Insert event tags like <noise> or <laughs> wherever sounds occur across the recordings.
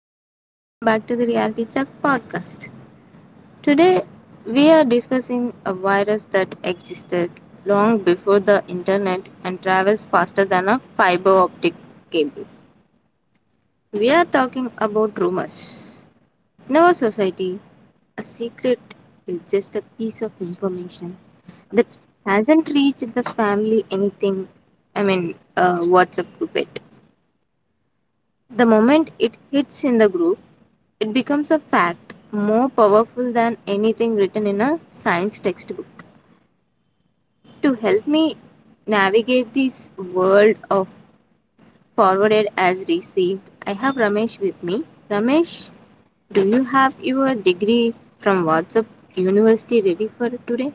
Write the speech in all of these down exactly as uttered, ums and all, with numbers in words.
Ruchita. Welcome back to the Reality Check podcast. Today we are discussing a virus that existed long before the internet and travels faster than a fiber optic cable. We are talking about rumors. In our society, a secret is just a piece of information that hasn't reached the family anything, I mean, uh, WhatsApp group yet. The moment it hits in the group, it becomes a fact more powerful than anything written in a science textbook. To help me navigate this world of forwarded as received, I have Ramesh with me. Ramesh, do you have your degree from WhatsApp University ready for today?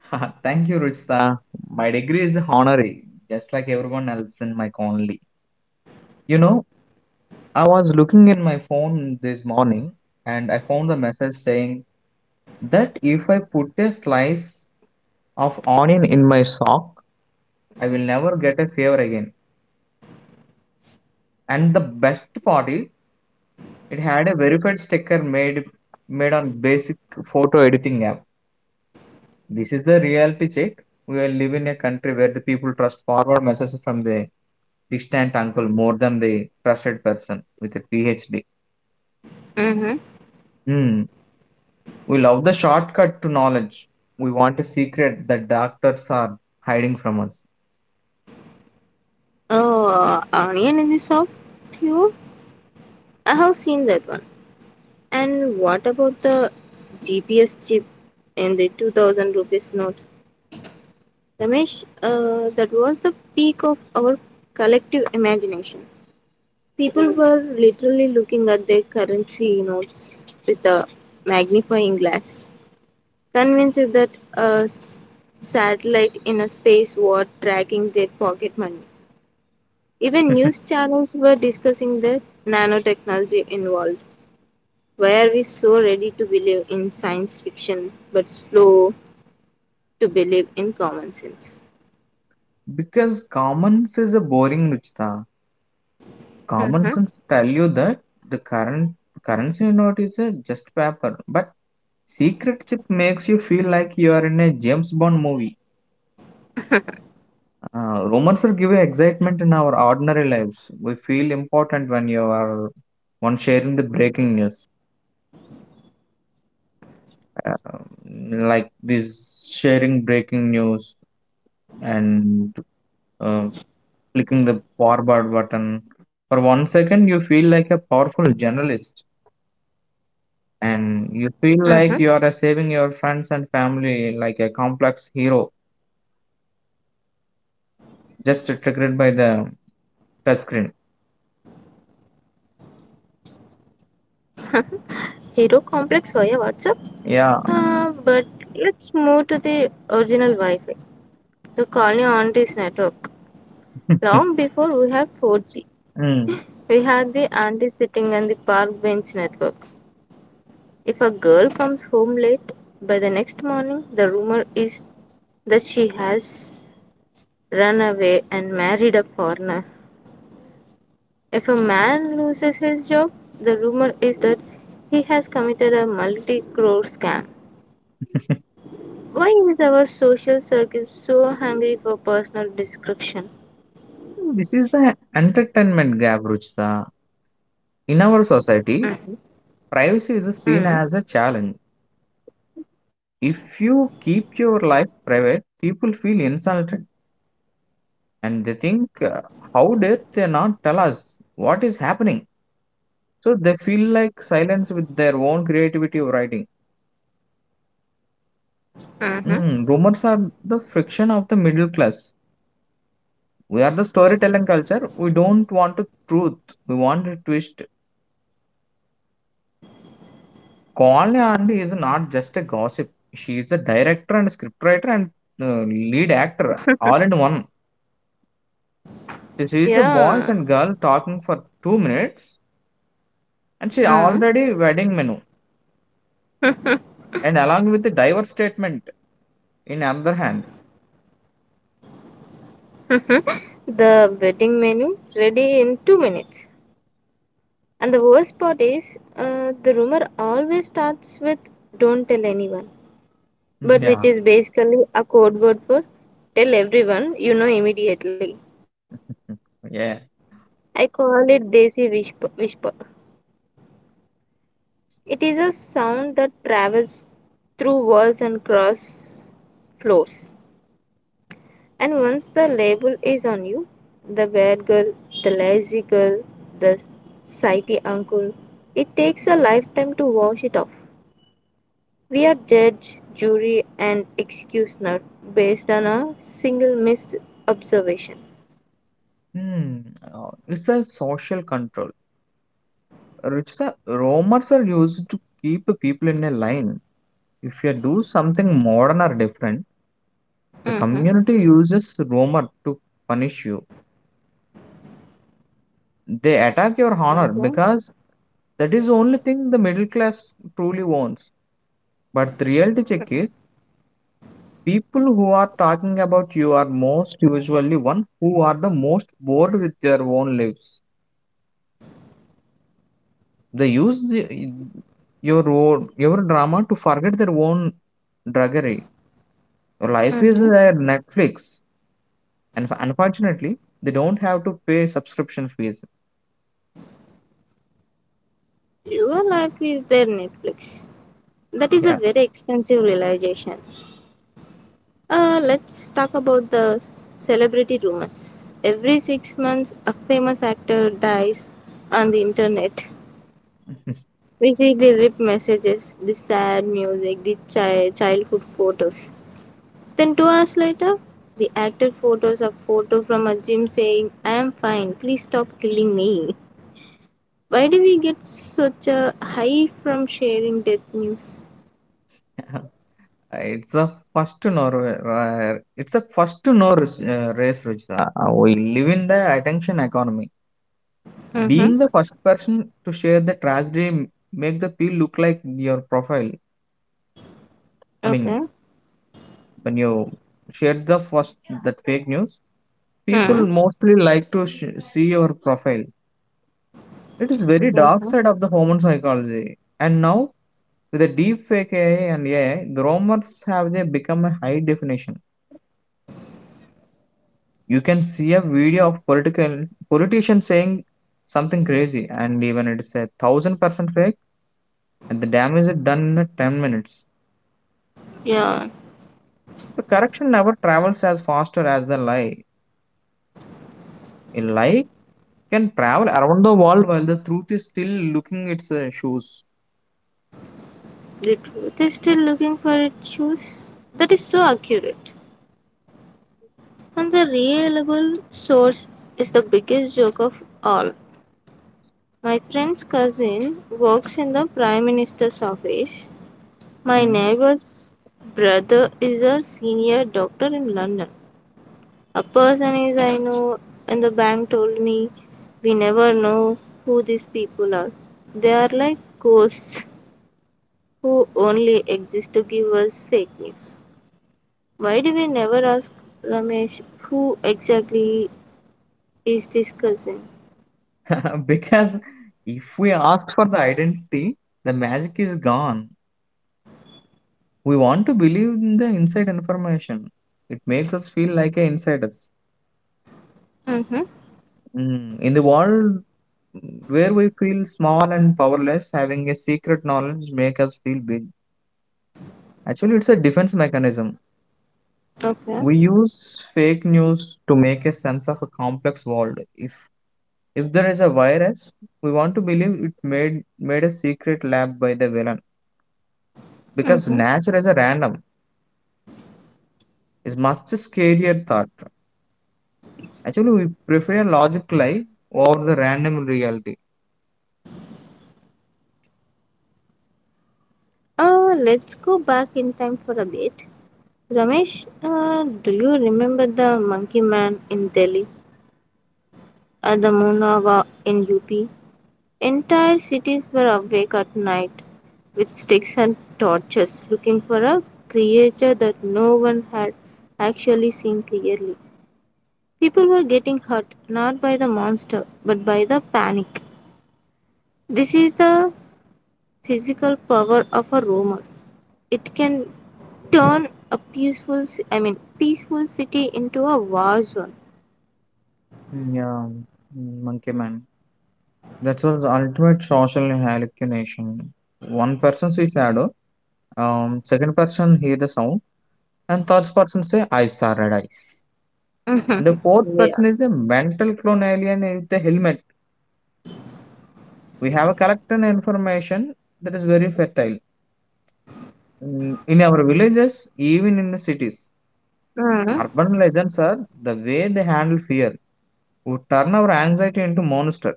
<laughs> Thank you, Rishta. My degree is honorary, just like everyone else in my colony. You know, I was looking in my phone this morning and I found a message saying that if I put a slice of onion in my sock, I will never get a fever again. And the best part is, it had a verified sticker made made on basic photo editing app. This is the reality check. We will live in a country where the people trust forward messages from the distant uncle more than the trusted person with a PhD. Mm-hmm. Hmm. We love the shortcut to knowledge. We want a secret that doctors are hiding from us. Oh, uh, Onion in the soup? Phew. I have seen that one. And what about the G P S chip in the two thousand rupees note? Ramesh, uh, that was the peak of our collective imagination. People were literally looking at their currency notes with a magnifying glass, convinced that a s- satellite in a space was tracking their pocket money. Even news <laughs> channels were discussing the nanotechnology involved. Why are we so ready to believe in science fiction but slow to believe in common sense? Because common sense is a boring Ruchita. Common Mm-hmm. sense tell you that the current currency note is a just paper, but secret chip makes you feel like you are in a James Bond movie. Uh, rumors will give you excitement in our ordinary lives. We feel important when you are one sharing the breaking news. um, like this sharing breaking news and uh, clicking the forward button for one second you feel like a powerful journalist, and you feel Mm-hmm. like you are uh, saving your friends and family like a complex hero, just triggered by the touch screen. Hero complex via WhatsApp? Yeah. Uh, but let's move to the original Wi Fi, the colony aunties network. Long <laughs> before we had four G, Mm. we had the auntie sitting on the park bench network. If a girl comes home late, by the next morning, the rumor is that she has run away and married a foreigner. If a man loses his job, the rumor is that he has committed a multi crore scam. Why is our social circle so hungry for personal destruction? This is the entertainment gap, Ruchita. In our society, privacy is seen Mm, as a challenge. If you keep your life private, people feel insulted and they think, uh, how dare they not tell us what is happening? So they feel like silence with their own creativity of writing. mm-hmm. Hmm, rumors are the friction of the middle class. We are the storytelling culture. We don't want the truth. We want a twist. Kolni Andy is not just a gossip. She is a director and scriptwriter and uh, lead actor all in one. She is a Yeah. boys and girl talking for two minutes, and she Mm. already wedding menu and along with the divorce statement in other hand. <laughs> The wedding menu ready in two minutes. And the worst part is, uh, the rumor always starts with "Don't tell anyone," <laughs> but which Yeah. is basically a code word for "Tell everyone," you know immediately. Yeah. I call it Desi whisper. whisper. It is a sound that travels through walls and cross floors. And once the label is on you, the bad girl, the lazy girl, the sighty uncle, it takes a lifetime to wash it off. We are judge, jury, and executioner based on a single missed observation. Hmm. uh, It's a social control. Ruchita, rumors are used to keep people in a line. If you do something modern or different, the Mm-hmm. community uses rumor to punish you. They attack your honor Okay. because that is the only thing the middle class truly wants. But the reality check is, people who are talking about you are most usually one who are the most bored with their own lives. They use the, your own, your drama to forget their own drudgery. Life is Mm-hmm. their Netflix, and unfortunately, they don't have to pay subscription fees. Your life is their Netflix. That is a Yeah. very expensive realization. Uh, let's talk about the celebrity rumors. Every six months, a famous actor dies on the internet. <laughs> We see the rip messages, the sad music, the chi- childhood photos. Then, two hours later, the actor photos a photo from a gym saying, I am fine, please stop killing me. Why do we get such a high from sharing death news? it's a first to know. It's a first to know uh, race, Ruchita. Uh, we live in the attention economy. Mhm. Being the first person to share the tragedy m- make the people look like your profile. I mean, Okay. when you share the first that fake news, people Hmm. mostly like to sh- see your profile. It is very dark Hmm. side of the human psychology. And now with the deep fake A I and A I, grommers have they become a high definition. You can see a video of political politician saying something crazy, and even it's a thousand percent fake, and the damage is done in ten minutes. Yeah. The correction never travels as faster as the lie. A lie can travel around the world while the truth is still looking its uh, shoes. The truth is still looking for its shoes. That is so accurate. And the reliable source is the biggest joke of all. My friend's cousin works in the prime minister's office. My Mm. neighbor's brother is a senior doctor in London. A person is I know in the bank told me we never know who these people are. They are like ghosts who only exists to give us fake news. Why do we never ask Ramesh who exactly is this cousin? <laughs> Because if we ask for the identity, the magic is gone. We want to believe in the inside information. It makes us feel like a insiders. Mm-hmm. Mm. In the world where we feel small and powerless, having a secret knowledge make us feel big. Actually, it's a defense mechanism. Okay. We use fake news to make a sense of a complex world. If if there is a virus, we want to believe it made made a secret lab by the villain because Mm-hmm. nature is a random is much scarier thought. Actually, we prefer a logic lie over the random reality. Uh, let's go back in time for a bit. Ramesh, uh, do you remember the monkey man in Delhi or the Munava in U P? Entire cities were awake at night with sticks and torches looking for a creature that no one had actually seen clearly. People were getting hurt not by the monster but by the panic. This is the physical power of a rumor. It can turn a peaceful ci- I mean peaceful city into a war zone. Yeah, mm, monkey man. That's what the ultimate social hallucination. One person sees shadow, um, second person hear the sound, and third person say I saw red eyes. And the <laughs> fourth person is the mental clone alien in the helmet. We have a collected information that is very fertile. In in our villages, even in the cities, Mhm. urban legends are the way they handle fear, who turn our anxiety into monster.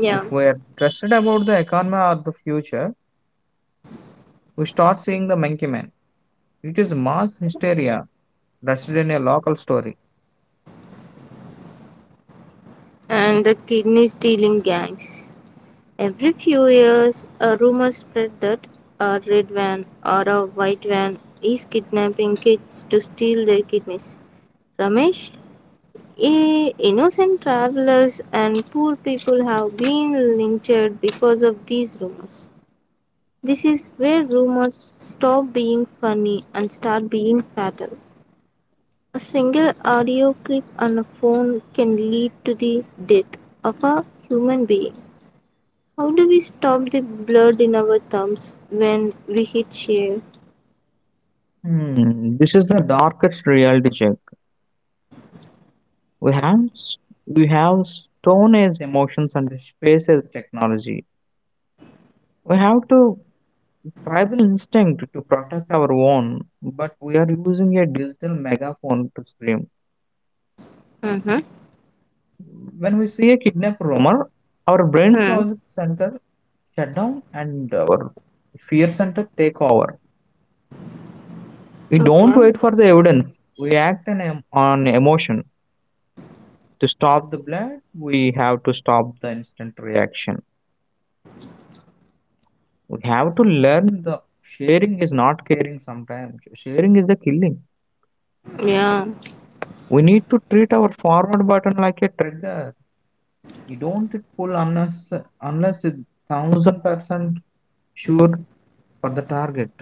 Yeah. If we are trusted about the economy or the future, we start seeing the monkey man. It is mass hysteria, rested in a local story. And the kidney stealing gangs. Every few years, a rumor spread that a red van or a white van is kidnapping kids to steal their kidneys. Ramesh, I- innocent travelers and poor people have been lynched because of these rumors. This is where rumors stop being funny and start being fatal. A single audio clip on a phone can lead to the death of a human being. How do we stop the blood in our thumbs when we hit share? Hmm, this is the darkest reality check. We have s- we have stone age emotions and space age technology. We have to tribal instinct to protect our own, but we are using a digital megaphone to scream. Mm-hmm. When we see a kidnap rumor, our brain's logic center shut down and our fear center take over. We don't Okay. wait for the evidence. We act on em- on emotion. To stop the blood, we have to stop the instant reaction. We have to learn the sharing is not caring sometimes. Sharing is the killing. Yeah. We need to treat our forward button like a trigger. You don't pull unless unless it's thousand percent sure for the target.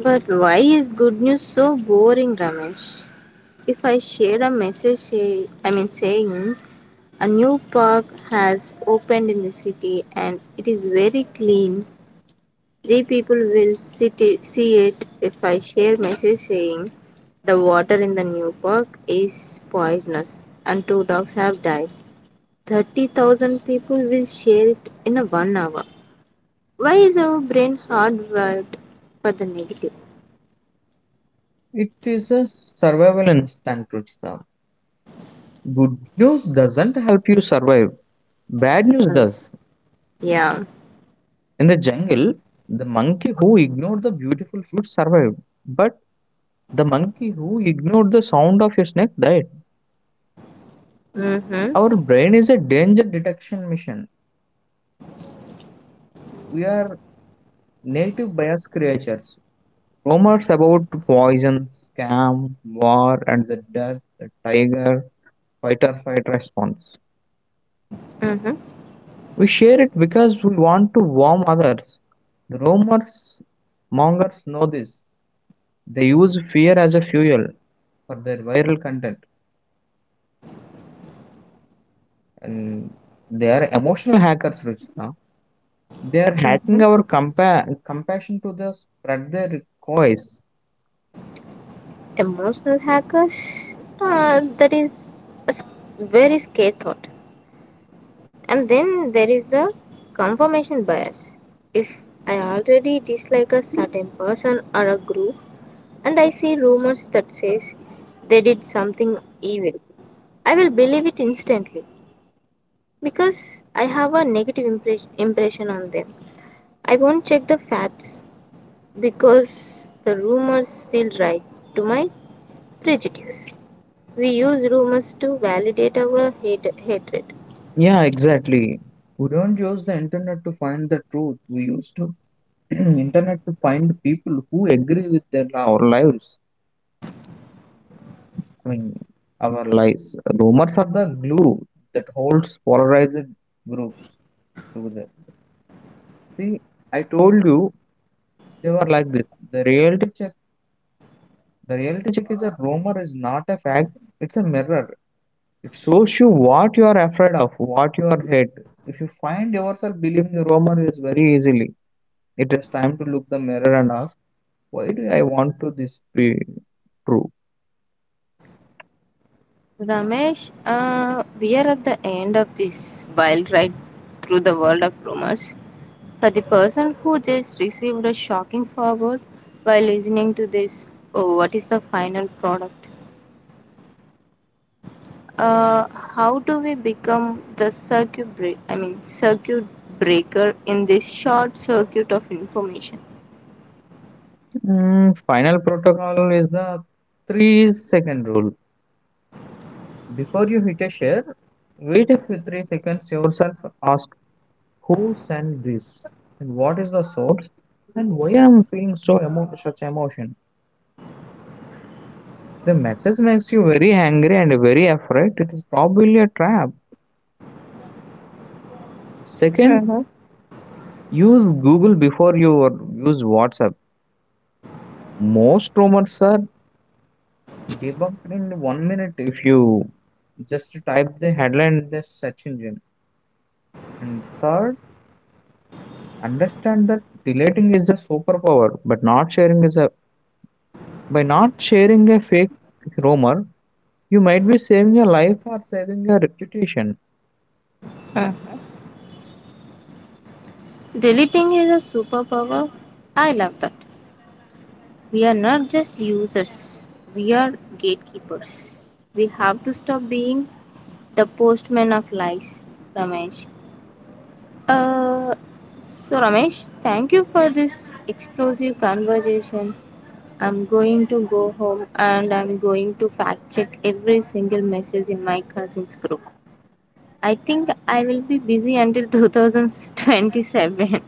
But why is good news so boring, Ramesh? If I share a message, say, I mean, saying a new park has opened in the city and it is very clean, three people will sit it, see it. If I share message saying the water in the new park is poisonous and two dogs have died, thirty thousand people will share it in a one hour. Why is our brain hardwired for the negative? It is a survival instinct itself. Good news doesn't help you survive. Bad news does. Yeah. In the jungle, the monkey who ignored the beautiful fruit survived, but the monkey who ignored the sound of your snake died. Mm-hmm. Our brain is a danger detection mission. We are native bias creatures. Rumors about poison, scam, war, and the death, the tiger, fight or fight response. Mm-hmm, We share it because we want to warm others. The rumors mongers know this. They use fear as a fuel for their viral content, and they are emotional hackers, Ruchita. They are mm-hmm. hacking our compa- compassion to the spread their coys. Emotional hackers, uh, that is a s- very scary thought. And then there is the confirmation bias. If I already dislike a certain person or a group, and I see rumors that says they did something evil, I will believe it instantly because I have a negative impres- impression on them. I won't check the facts because the rumors feel right to my prejudice. We use rumors to validate our hate- hatred. Yeah, exactly. We don't use the internet to find the truth. We use to <clears throat> internet to find people who agree with their our lives. I mean, our lives. Rumors are the glue that holds polarized groups together. See, I told you they were like this. The reality check. The reality check is a rumor is not a fact. It's a mirror. It shows you what you are afraid of, what you are hate. If you find yourself believing the rumor is very easily, it is time to look the mirror and ask, why do I want to this be true? Ramesh, uh, we are at the end of this wild ride through the world of rumors. For the person who just received a shocking forward while listening to this, oh, what is the final product? Uh, how do we become the circuit break? I mean, circuit breaker in this short circuit of information? Mm, final protocol is the three second rule. Before you hit a share, wait for three seconds yourself. Ask who sent this and what is the source and why I am feeling so emo- such emotion. The message makes you very angry and very afraid. It is probably a trap. Second, Mhm. use Google before you or use WhatsApp. Most rumors are debugged in one minute if you just type the headline in the search engine. And third, understand that deleting is a superpower, but not sharing is a by not sharing a fake rumor, you might be saving your life or saving your reputation. Deleting is a superpower. I love that. We are not just users, we are gatekeepers. We have to stop being the postman of lies, Ramesh. Uh, so, Ramesh, thank you for this explosive conversation. I'm going to go home and I'm going to fact check every single message in my cousin's group. I think I will be busy until two thousand twenty-seven.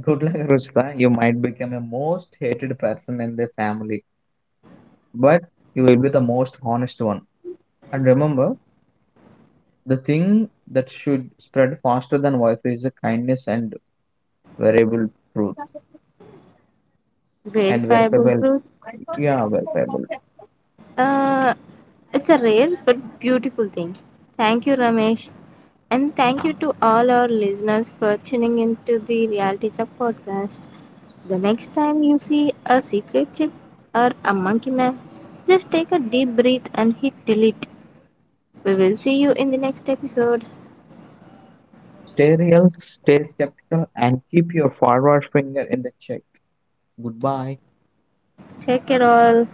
Good luck, Ruchita. You might become a most hated person in the family, but you will be the most honest one. And remember, the thing that should spread faster than Wi-Fi is a kindness and variable truth. <laughs> And where, Verifiable truth. yeah, where pable. Uh, it's a rare but beautiful thing. Thank you, Ramesh. And thank you to all our listeners for tuning into the Reality Check podcast. The next time you see a secret chip or a monkey man, just take a deep breath and hit delete. We will see you in the next episode. Stay real, stay skeptical, and keep your forward finger in the check. Goodbye. Check it all.